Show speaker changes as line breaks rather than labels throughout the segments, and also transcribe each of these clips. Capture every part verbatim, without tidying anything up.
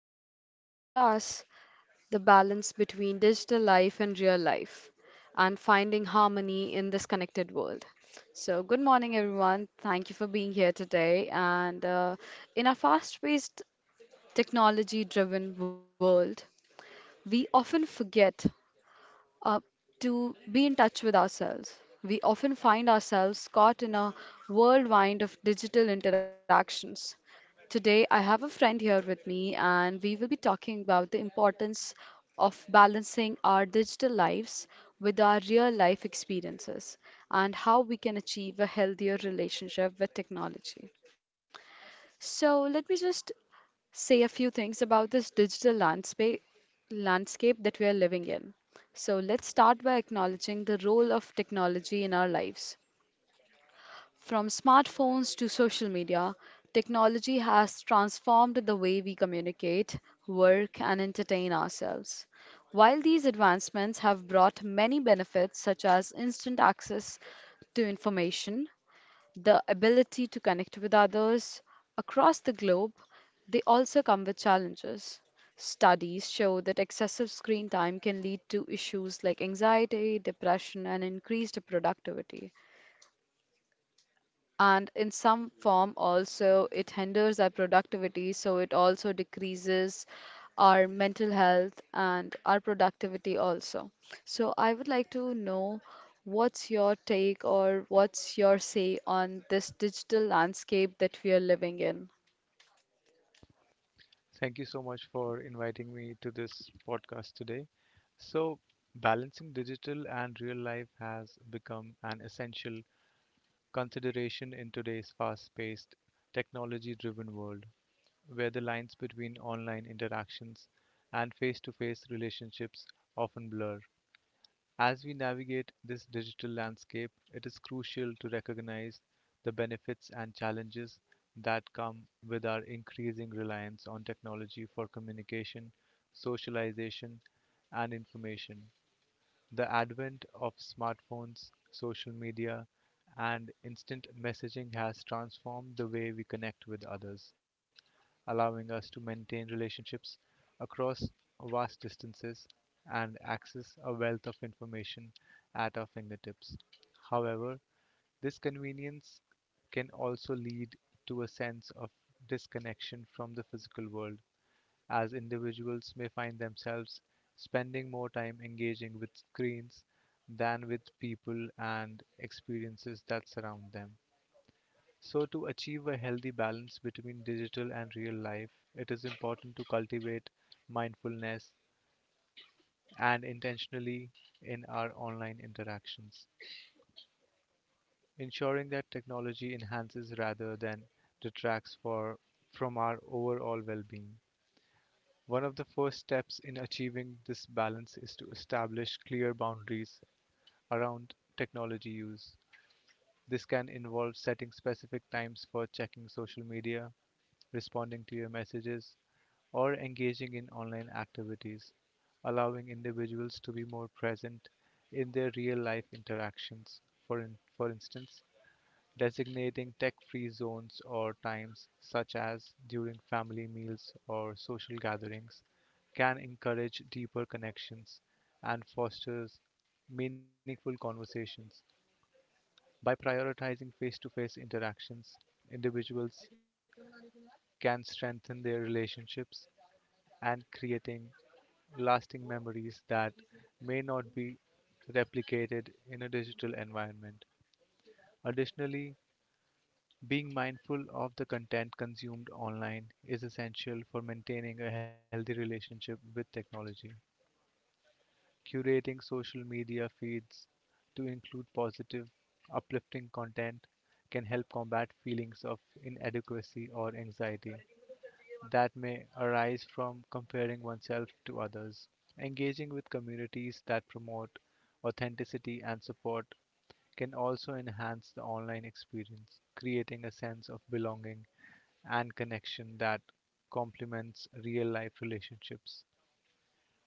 to discuss the balance between digital life and real life and finding harmony in this connected world. So, good morning, everyone. Thank you for being here today. And uh, In our fast paced, technology driven world, we often forget uh, to be in touch with ourselves. We often find ourselves caught in a whirlwind of digital interactions. Today, I have a friend here with me, and we will be talking about the importance of balancing our digital lives with our real life experiences and how we can achieve a healthier relationship with technology. So, let me just say a few things about this digital landscape landscape that we are living in. So let's start by acknowledging the role of technology in our lives. From smartphones to social media, technology has transformed the way we communicate, work, and entertain ourselves. While these advancements have brought many benefits such as instant access to information, the ability to connect with others across the globe, they also come with challenges. Studies show that excessive screen time can lead to issues like anxiety, depression, and increased productivity, and in some form also it hinders our productivity, so it also decreases our mental health and our productivity also. So I would like to know, what's your take or what's your say on this digital landscape that we are living in?
Thank you so much for inviting me to this podcast today. So, balancing digital and real life has become an essential consideration in today's fast paced, technology driven world, where the lines between online interactions and face to face relationships often blur. As we navigate this digital landscape, it is crucial to recognize the benefits and challenges that come with our increasing reliance on technology for communication, socialization, and information. The advent of smartphones, social media, and instant messaging has transformed the way we connect with others, allowing us to maintain relationships across vast distances and access a wealth of information at our fingertips. However, this convenience can also lead to a sense of disconnection from the physical world, as individuals may find themselves spending more time engaging with screens than with people and experiences that surround them. So, to achieve a healthy balance between digital and real life, it is important to cultivate mindfulness and intentionally in our online interactions, ensuring that technology enhances rather than detracts for, from our overall well being. One of the first steps in achieving this balance is to establish clear boundaries around technology use. This can involve setting specific times for checking social media, responding to your messages, or engaging in online activities, allowing individuals to be more present in their real life interactions. For, in, for instance, designating tech-free zones or times such as during family meals or social gatherings can encourage deeper connections and fosters meaningful conversations by prioritizing face-to-face interactions individuals can strengthen their relationships and creating lasting memories that may not be replicated in a digital environment. Additionally, being mindful of the content consumed online is essential for maintaining a healthy relationship with technology. Curating social media feeds to include positive, uplifting content can help combat feelings of inadequacy or anxiety that may arise from comparing oneself to others. Engaging with communities that promote authenticity and support can also enhance the online experience, creating a sense of belonging and connection that complements real life relationships.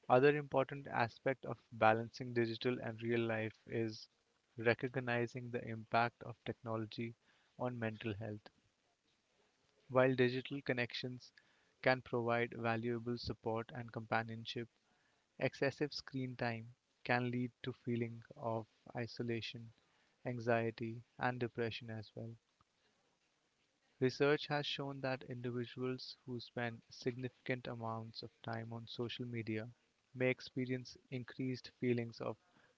Other important aspect of balancing digital and real life is recognizing the impact of technology on mental health. While digital connections can provide valuable support and companionship, excessive screen time can lead to feeling of isolation, anxiety and depression as well. Research has shown that individuals who spend significant amounts of time on social media may experience increased feelings of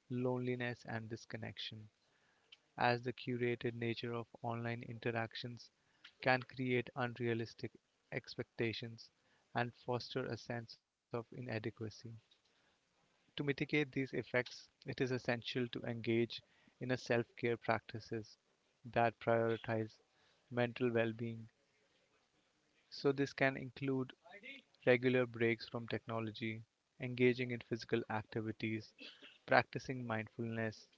loneliness and disconnection, as the curated nature of online interactions can create unrealistic expectations and foster a sense of inadequacy. To mitigate these effects, it is essential to engage in a self-care practices that prioritize mental well-being. So this can include regular breaks from technology, engaging in physical activities, practicing mindfulness,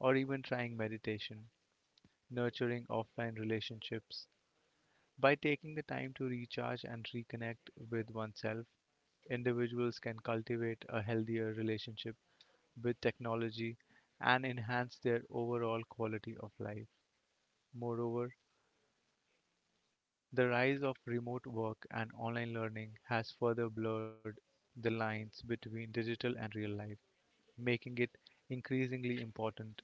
or even trying meditation, nurturing offline relationships. By taking the time to recharge and reconnect with oneself, individuals can cultivate a healthier relationship with technology and enhance their overall quality of life. Moreover, the rise of remote work and online learning has further blurred the lines between digital and real life, making it increasingly important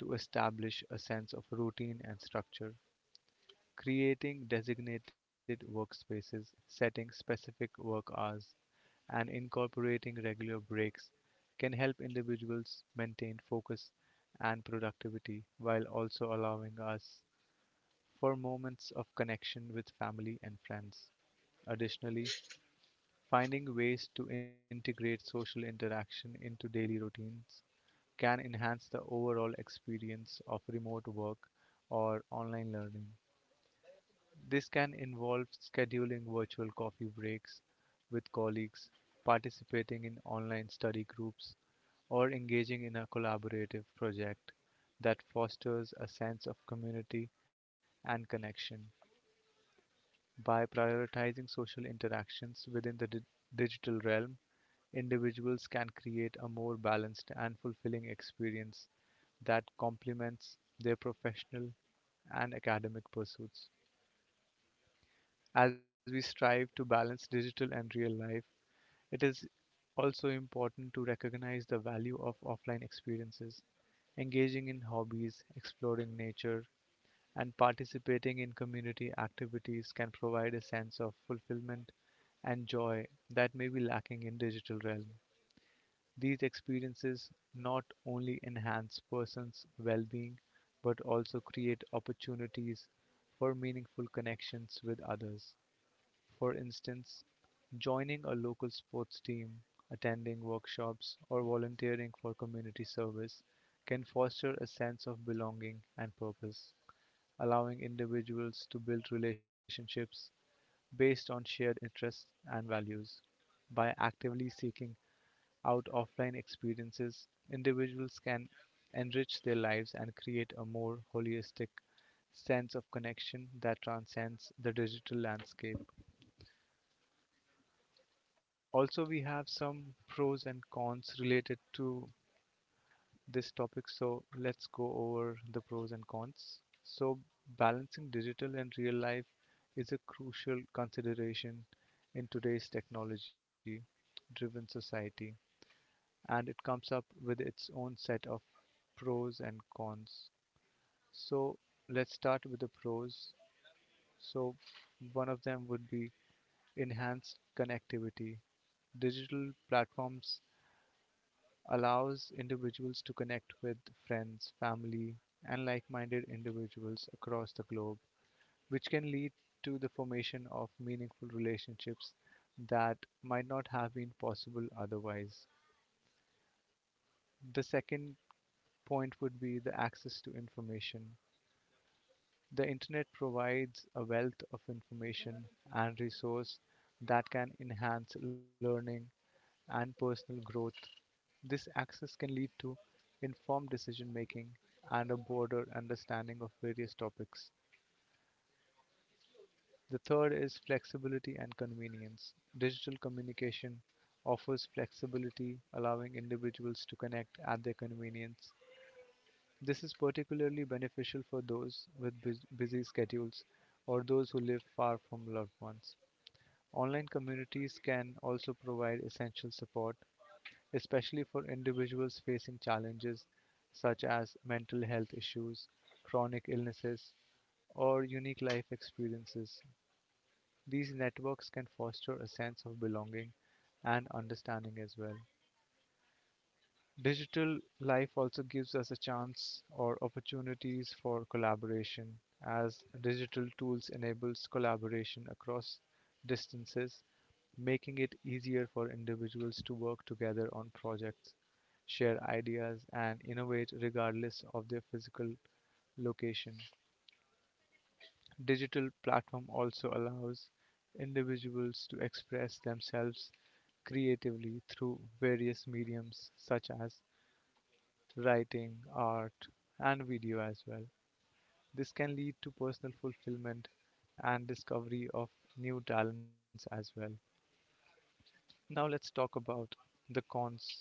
to establish a sense of routine and structure. Creating designated workspaces, setting specific work hours, and incorporating regular breaks can help individuals maintain focus and productivity while also allowing us for moments of connection with family and friends. Additionally, finding ways to integrate social interaction into daily routines can enhance the overall experience of remote work or online learning. This can involve scheduling virtual coffee breaks with colleagues, participating in online study groups, or engaging in a collaborative project that fosters a sense of community and connection. By prioritizing social interactions within the di- digital realm, individuals can create a more balanced and fulfilling experience that complements their professional and academic pursuits. As we strive to balance digital and real life, it is also important to recognize the value of offline experiences, engaging in hobbies, exploring nature, and participating in community activities can provide a sense of fulfillment and joy that may be lacking in digital realm. These experiences not only enhance persons' well-being but also create opportunities for meaningful connections with others. For instance, joining a local sports team, attending workshops, or volunteering for community service can foster a sense of belonging and purpose, allowing individuals to build relationships based on shared interests and values. By actively seeking out offline experiences, individuals can enrich their lives and create a more holistic sense of connection that transcends the digital landscape. Also, we have some pros and cons related to this topic. So, let's go over the pros and cons. So, balancing digital and real life is a crucial consideration in today's technology driven society, and it comes up with its own set of pros and cons. So, let's start with the pros. So, one of them would be enhanced connectivity. Digital platforms allows individuals to connect with friends, family, and like minded individuals across the globe, which can lead to the formation of meaningful relationships that might not have been possible otherwise. The second point would be the access to information. The internet provides a wealth of information and resource that can enhance learning and personal growth. This access can lead to informed decision making and a broader understanding of various topics. The third is flexibility and convenience. Digital communication offers flexibility, allowing individuals to connect at their convenience. This is particularly beneficial for those with bus- busy schedules or those who live far from loved ones. Online communities can also provide essential support, especially for individuals facing challenges such as mental health issues, chronic illnesses, or unique life experiences. These networks can foster a sense of belonging and understanding as well. Digital life also gives us a chance or opportunities for collaboration, as digital tools enables collaboration across distances, making it easier for individuals to work together on projects, share ideas, and innovate regardless of their physical location. Digital platform also allows individuals to express themselves creatively through various mediums such as writing, art, and video as well. This can lead to personal fulfillment and discovery of new talents as well. Now, let's talk about the cons.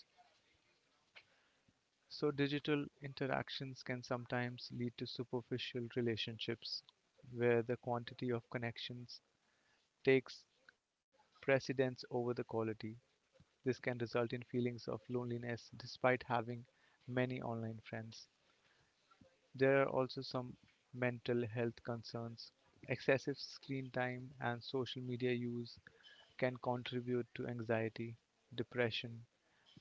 So, digital interactions can sometimes lead to superficial relationships where the quantity of connections takes precedence over the quality. This can result in feelings of loneliness despite having many online friends. There are also some mental health concerns. Excessive screen time and social media use can contribute to anxiety, depression,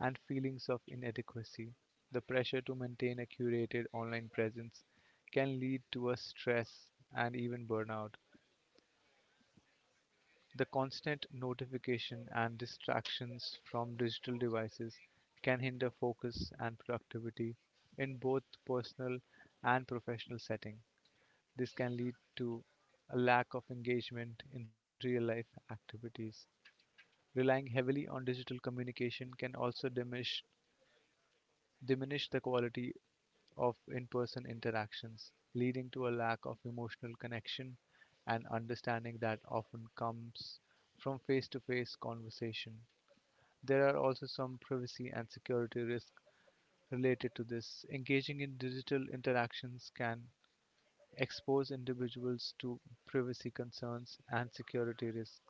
and feelings of inadequacy. The pressure to maintain a curated online presence can lead to a stress and even burnout. The constant notification and distractions from digital devices can hinder focus and productivity in both personal and professional setting. This can lead to a lack of engagement in real life activities. Relying heavily on digital communication can also diminish, diminish the quality of in person interactions, leading to a lack of emotional connection and understanding that often comes from face to face conversation. There are also some privacy and security risks related to this. Engaging in digital interactions can expose individuals to privacy concerns and security risks,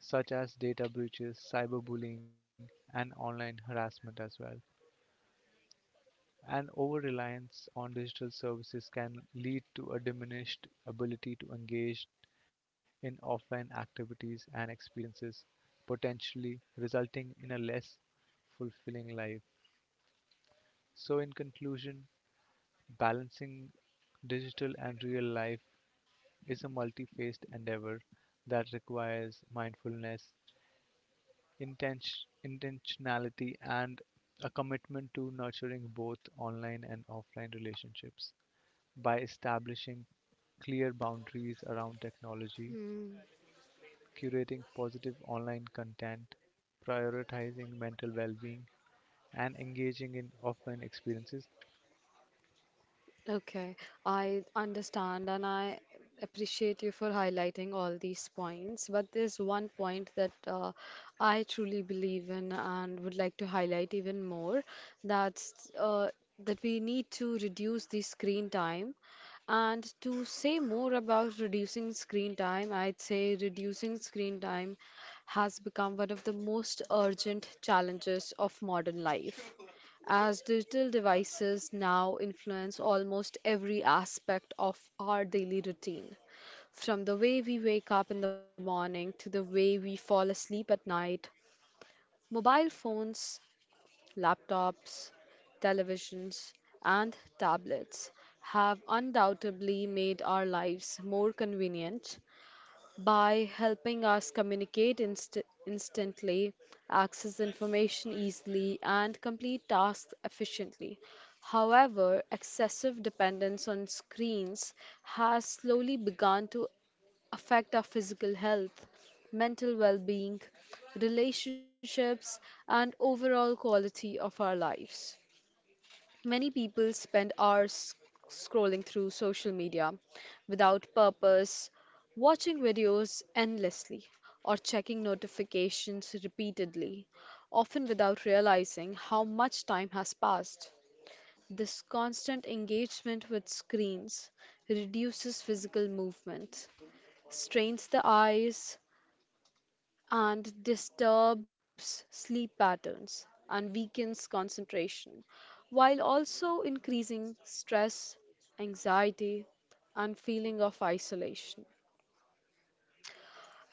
such as data breaches, cyberbullying, and online harassment as well. An over reliance on digital services can lead to a diminished ability to engage in offline activities and experiences, potentially resulting in a less fulfilling life. So, in conclusion, balancing digital and real life is a multi-faced endeavor that requires mindfulness, intention, intentionality, and a commitment to nurturing both online and offline relationships by establishing clear boundaries around technology,
Hmm.
curating positive online content, prioritizing mental well being, and engaging in offline experiences.
Okay, I understand and I appreciate you for highlighting all these points. But there's one point that uh, I truly believe in and would like to highlight even more. That's uh, that we need to reduce the screen time. And to say more about reducing screen time, I'd say reducing screen time has become one of the most urgent challenges of modern life, as digital devices now influence almost every aspect of our daily routine. From the way we wake up in the morning to the way we fall asleep at night, mobile phones, laptops, televisions, and tablets have undoubtedly made our lives more convenient, by helping us communicate inst- instantly, access information easily, and complete tasks efficiently. However, excessive dependence on screens has slowly begun to affect our physical health, mental well being, relationships, and overall quality of our lives. Many people spend hours scrolling through social media without purpose, watching videos endlessly, or checking notifications repeatedly, often without realizing how much time has passed. This constant engagement with screens reduces physical movement, strains the eyes, and disturbs sleep patterns and weakens concentration, while also increasing stress, anxiety, and feeling of isolation.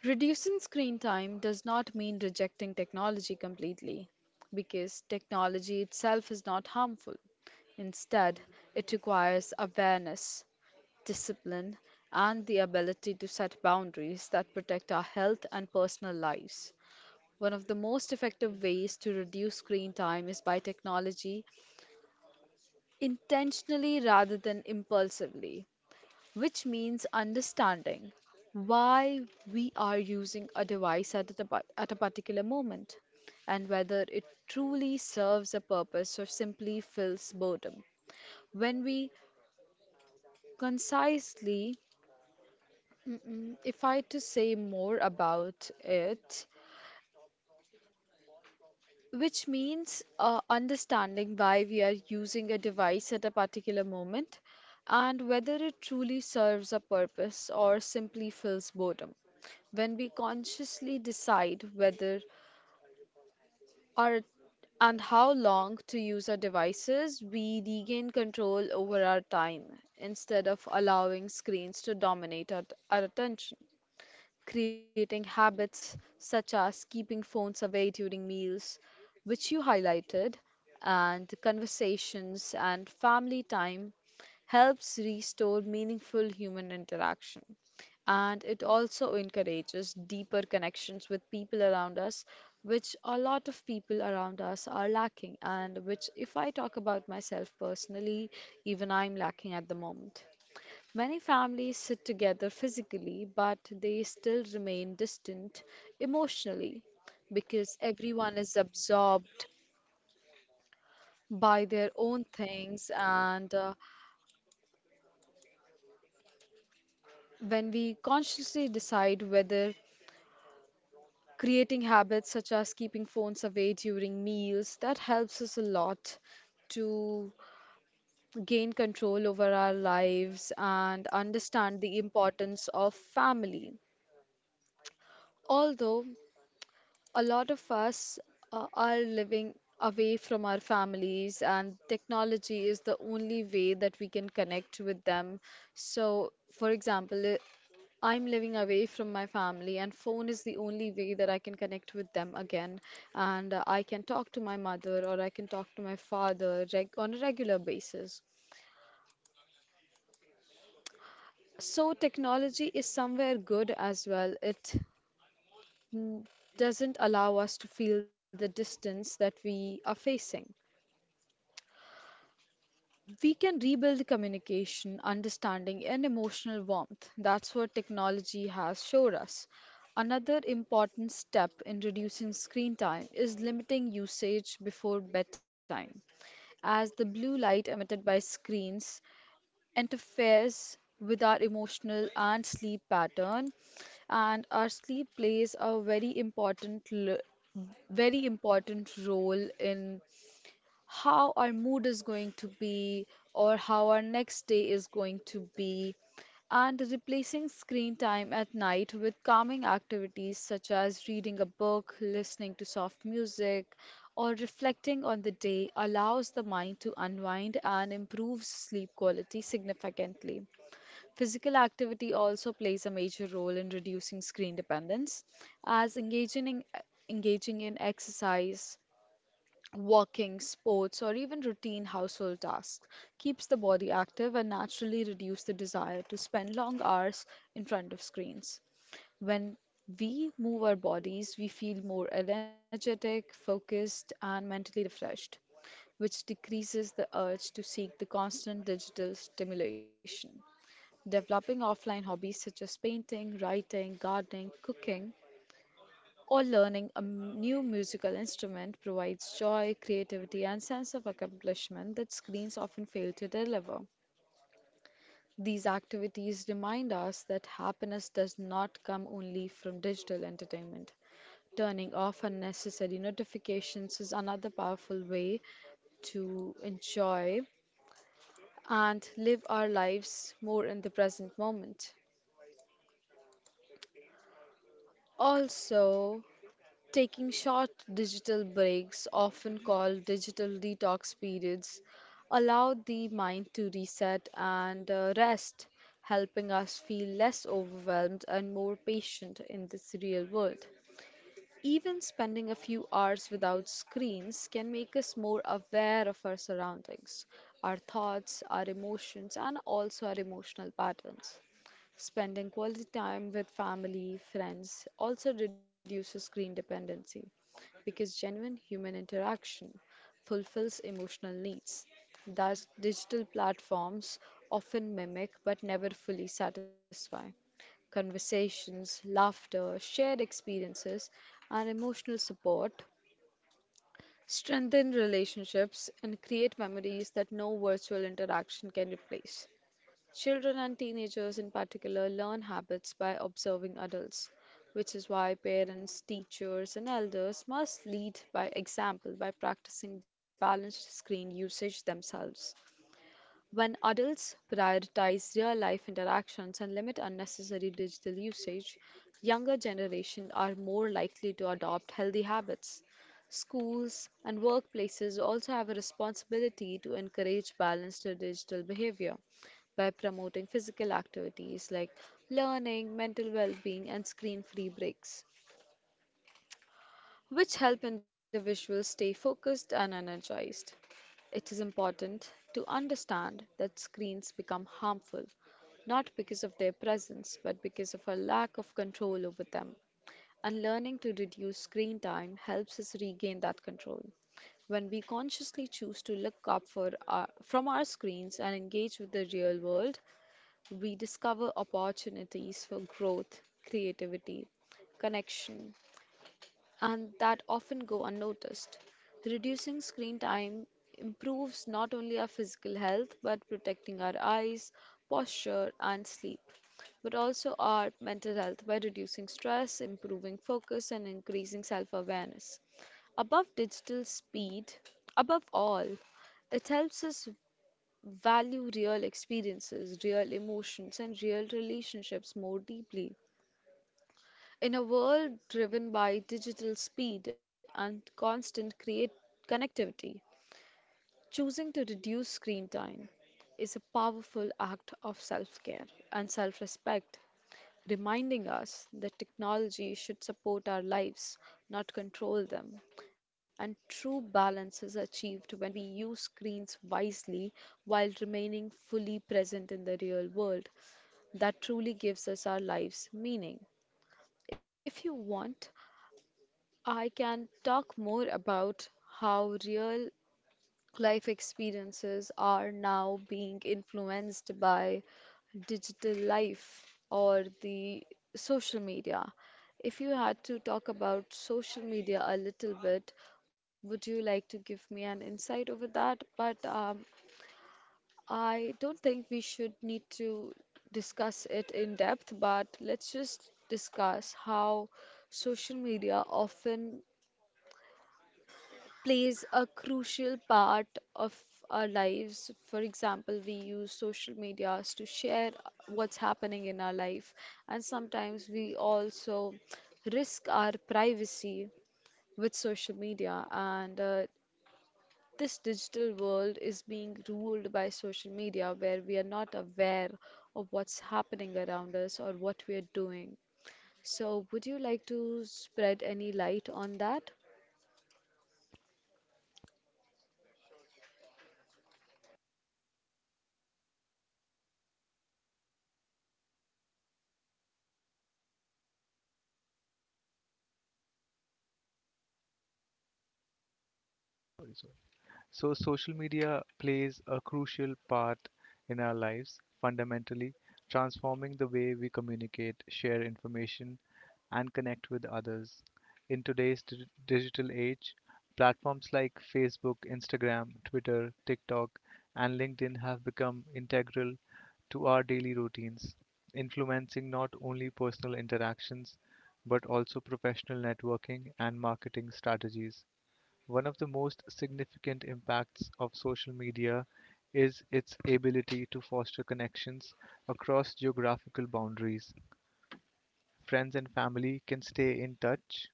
Reducing screen time does not mean rejecting technology completely, because technology itself is not harmful. Instead, it requires awareness, discipline, and the ability to set boundaries that protect our health and personal lives. One of the most effective ways to reduce screen time is by technology intentionally rather than impulsively, which means understanding why we are using a device at a, tapa- at a particular moment and whether it truly serves a purpose or simply fills boredom. When we concisely Mm, mm, If I to say more about it, which means uh, understanding why we are using a device at a particular moment and whether it truly serves a purpose or simply fills boredom. When we consciously decide whether our and how long to use our devices, we regain control over our time instead of allowing screens to dominate our, our attention, creating habits such as keeping phones away during meals, which you highlighted, and conversations and family time helps restore meaningful human interaction. And it also encourages deeper connections with people around us, which a lot of people around us are lacking, and which, if I talk about myself personally, even I'm lacking at the moment. Many families sit together physically, but they still remain distant emotionally because everyone is absorbed by their own things. And uh, When we consciously decide whether creating habits such as keeping phones away during meals, that helps us a lot to gain control over our lives and understand the importance of family. Although a lot of us uh, are living away from our families, and technology is the only way that we can connect with them. So, for example, i- I'm living away from my family, and phone is the only way that I can connect with them again. And uh, I can talk to my mother or I can talk to my father reg- on a regular basis. So, technology is somewhere good as well. It mm, doesn't allow us to feel the distance that we are facing. We can rebuild communication, understanding, and emotional warmth. That's what technology has showed us. Another important step in reducing screen time is limiting usage before bedtime, as the blue light emitted by screens interferes with our emotional and sleep pattern, and our sleep plays a very important, l- very important role in how our mood is going to be or how our next day is going to be, and replacing screen time at night with calming activities such as reading a book, listening to soft music, or reflecting on the day allows the mind to unwind and improves sleep quality significantly. Physical activity also plays a major role in reducing screen dependence, as engaging in, engaging in exercise, walking, sports, or even routine household tasks keeps the body active and naturally reduce the desire to spend long hours in front of screens. When we move our bodies, we feel more energetic, focused, and mentally refreshed, which decreases the urge to seek the constant digital stimulation. Developing offline hobbies such as painting, writing, gardening, cooking, or learning a m- new musical instrument provides joy, creativity, and sense of accomplishment that screens often fail to deliver. These activities remind us that happiness does not come only from digital entertainment. Turning off unnecessary notifications is another powerful way to enjoy and live our lives more in the present moment. Also, taking short digital breaks, often called digital detox periods, allow the mind to reset and uh, rest, helping us feel less overwhelmed and more patient in this real world. Even spending a few hours without screens can make us more aware of our surroundings, our thoughts, our emotions, and also our emotional patterns. Spending quality time with family, friends also reduces screen dependency because genuine human interaction fulfills emotional needs that digital platforms often mimic but never fully satisfy. Conversations, laughter, shared experiences, and emotional support strengthen relationships and create memories that no virtual interaction can replace. Children and teenagers, in particular, learn habits by observing adults, which is why parents, teachers, and elders must lead by example by practicing balanced screen usage themselves. When adults prioritize real life interactions and limit unnecessary digital usage, younger generations are more likely to adopt healthy habits. Schools and workplaces also have a responsibility to encourage balanced digital behavior by promoting physical activities like learning, mental well being, and screen free breaks which help individuals stay focused and energized. It is important to understand that screens become harmful not because of their presence but because of our lack of control over them. And learning to reduce screen time helps us regain that control. When we consciously choose to look up for our, from our screens and engage with the real world, we discover opportunities for growth, creativity, connection, and that often go unnoticed. Reducing screen time improves not only our physical health but protecting our eyes, posture, and sleep, but also our mental health by reducing stress, improving focus, and increasing self awareness. Above digital speed, Above all, it helps us value real experiences, real emotions, and real relationships more deeply. In a world driven by digital speed and constant create connectivity, choosing to reduce screen time is a powerful act of self care and self respect, reminding us that technology should support our lives, not control them. And true balance is achieved when we use screens wisely while remaining fully present in the real world that truly gives us our lives meaning. If you want, I can talk more about how real life experiences are now being influenced by digital life or the social media. If you had to talk about social media a little bit, would you like to give me an insight over that? But um, I don't think we should need to discuss it in depth, but let's just discuss how social media often plays a crucial part of our lives. For example, we use social medias to share what's happening in our life, and sometimes we also risk our privacy with social media. And uh, this digital world is being ruled by social media, where we are not aware of what's happening around us or what we are doing. So, would you like to spread any light on that?
So, social media plays a crucial part in our lives, fundamentally transforming the way we communicate, share information, and connect with others. In today's dig- digital age, platforms like Facebook, Instagram, Twitter, TikTok, and LinkedIn have become integral to our daily routines, influencing not only personal interactions but also professional networking and marketing strategies. One of the most significant impacts of social media is its ability to foster connections across geographical boundaries. Friends and family can stay in touch.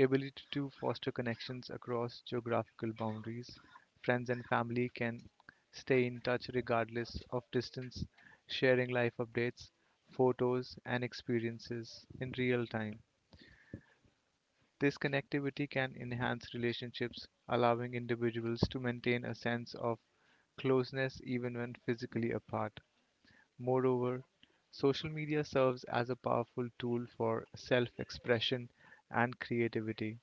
Ability to foster connections across geographical boundaries. Friends and family can stay in touch regardless of distance, sharing life updates, photos, and experiences in real time. This connectivity can enhance relationships, allowing individuals to maintain a sense of closeness even when physically apart. Moreover, social media serves as a powerful tool for self expression and creativity.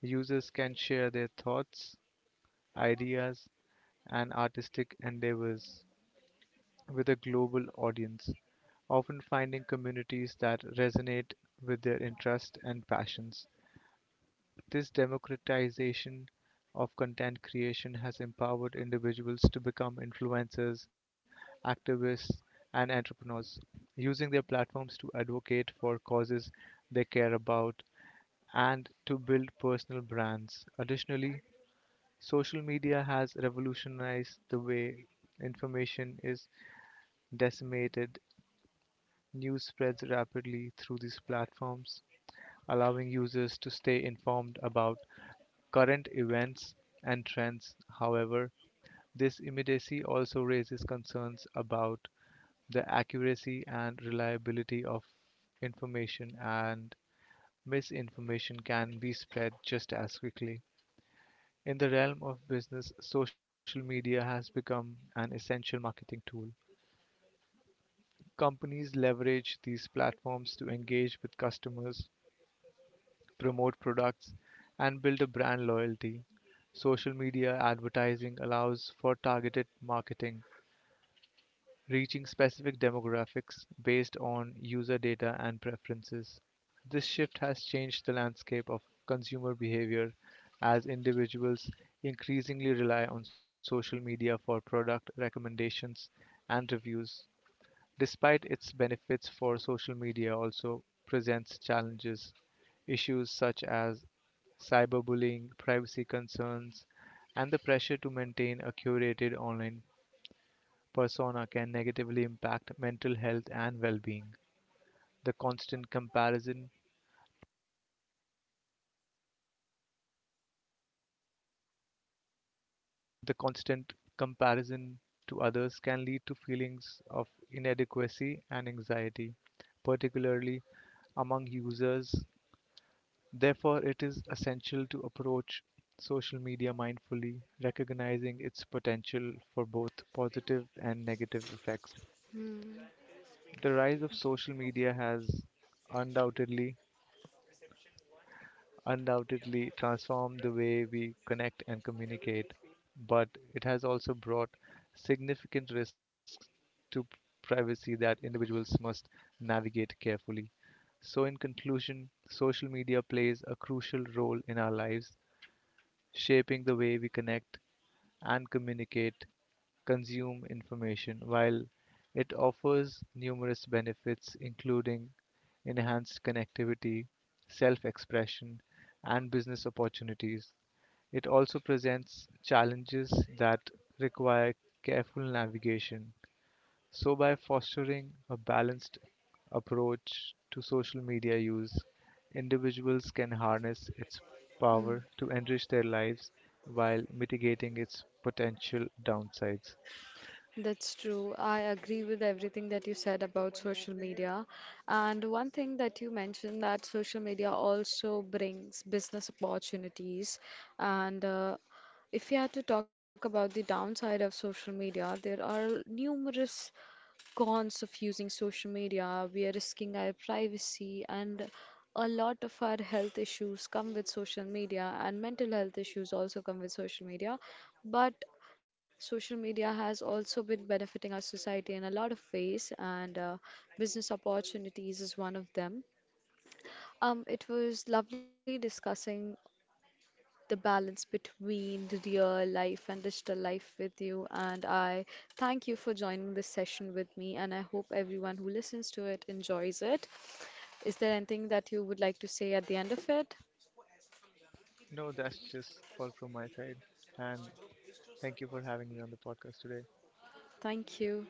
Users can share their thoughts, ideas, and artistic endeavors with a global audience, often finding communities that resonate with their interests and passions. This democratization of content creation has empowered individuals to become influencers, activists, and entrepreneurs, using their platforms to advocate for causes they care about and to build personal brands. Additionally, social media has revolutionized the way information is disseminated. News spreads rapidly through these platforms, allowing users to stay informed about current events and trends. However, this immediacy also raises concerns about the accuracy and reliability of information, and misinformation can be spread just as quickly. In the realm of business, social media has become an essential marketing tool. Companies leverage these platforms to engage with customers, promote products, and build a brand loyalty. Social media advertising allows for targeted marketing, reaching specific demographics based on user data and preferences. This shift has changed the landscape of consumer behavior as individuals increasingly rely on social media for product recommendations and reviews. Despite its benefits for social media also presents challenges. Issues such as cyberbullying, privacy concerns, and the pressure to maintain a curated online persona can negatively impact mental health and well-being. The constant comparison, the constant comparison to others can lead to feelings of inadequacy and anxiety, particularly among users. Therefore, it is essential to approach social media mindfully, recognizing its potential for both positive and negative effects. The rise of social media has undoubtedly undoubtedly transformed the way we connect and communicate, but it has also brought significant risks to privacy that individuals must navigate carefully. So, in conclusion, social media plays a crucial role in our lives shaping the way we connect and communicate, consume information, while it offers numerous benefits, including enhanced connectivity, self expression, and business opportunities. It also presents challenges that require careful navigation. So, by fostering a balanced approach to social media use, individuals can harness its
Hmm.
power to enrich their lives while mitigating its potential downsides.
That's true. I agree with everything that you said about social media. And one thing that you mentioned that social media also brings business opportunities. And uh, if you had to talk about the downside of social media, there are numerous cons of using social media. We are risking our privacy, and a lot of our health issues come with social media, and mental health issues also come with social media. But social media has also been benefiting our society in a lot of ways, and uh, business opportunities is one of them. Um, it was lovely discussing the balance between the real life and digital life with you. And I thank you for joining this session with me. And I hope everyone who listens to it enjoys it. Is there anything that you would like to say at the end of it?
No, that's just all from my side. And thank you for having me on the podcast today.
Thank you.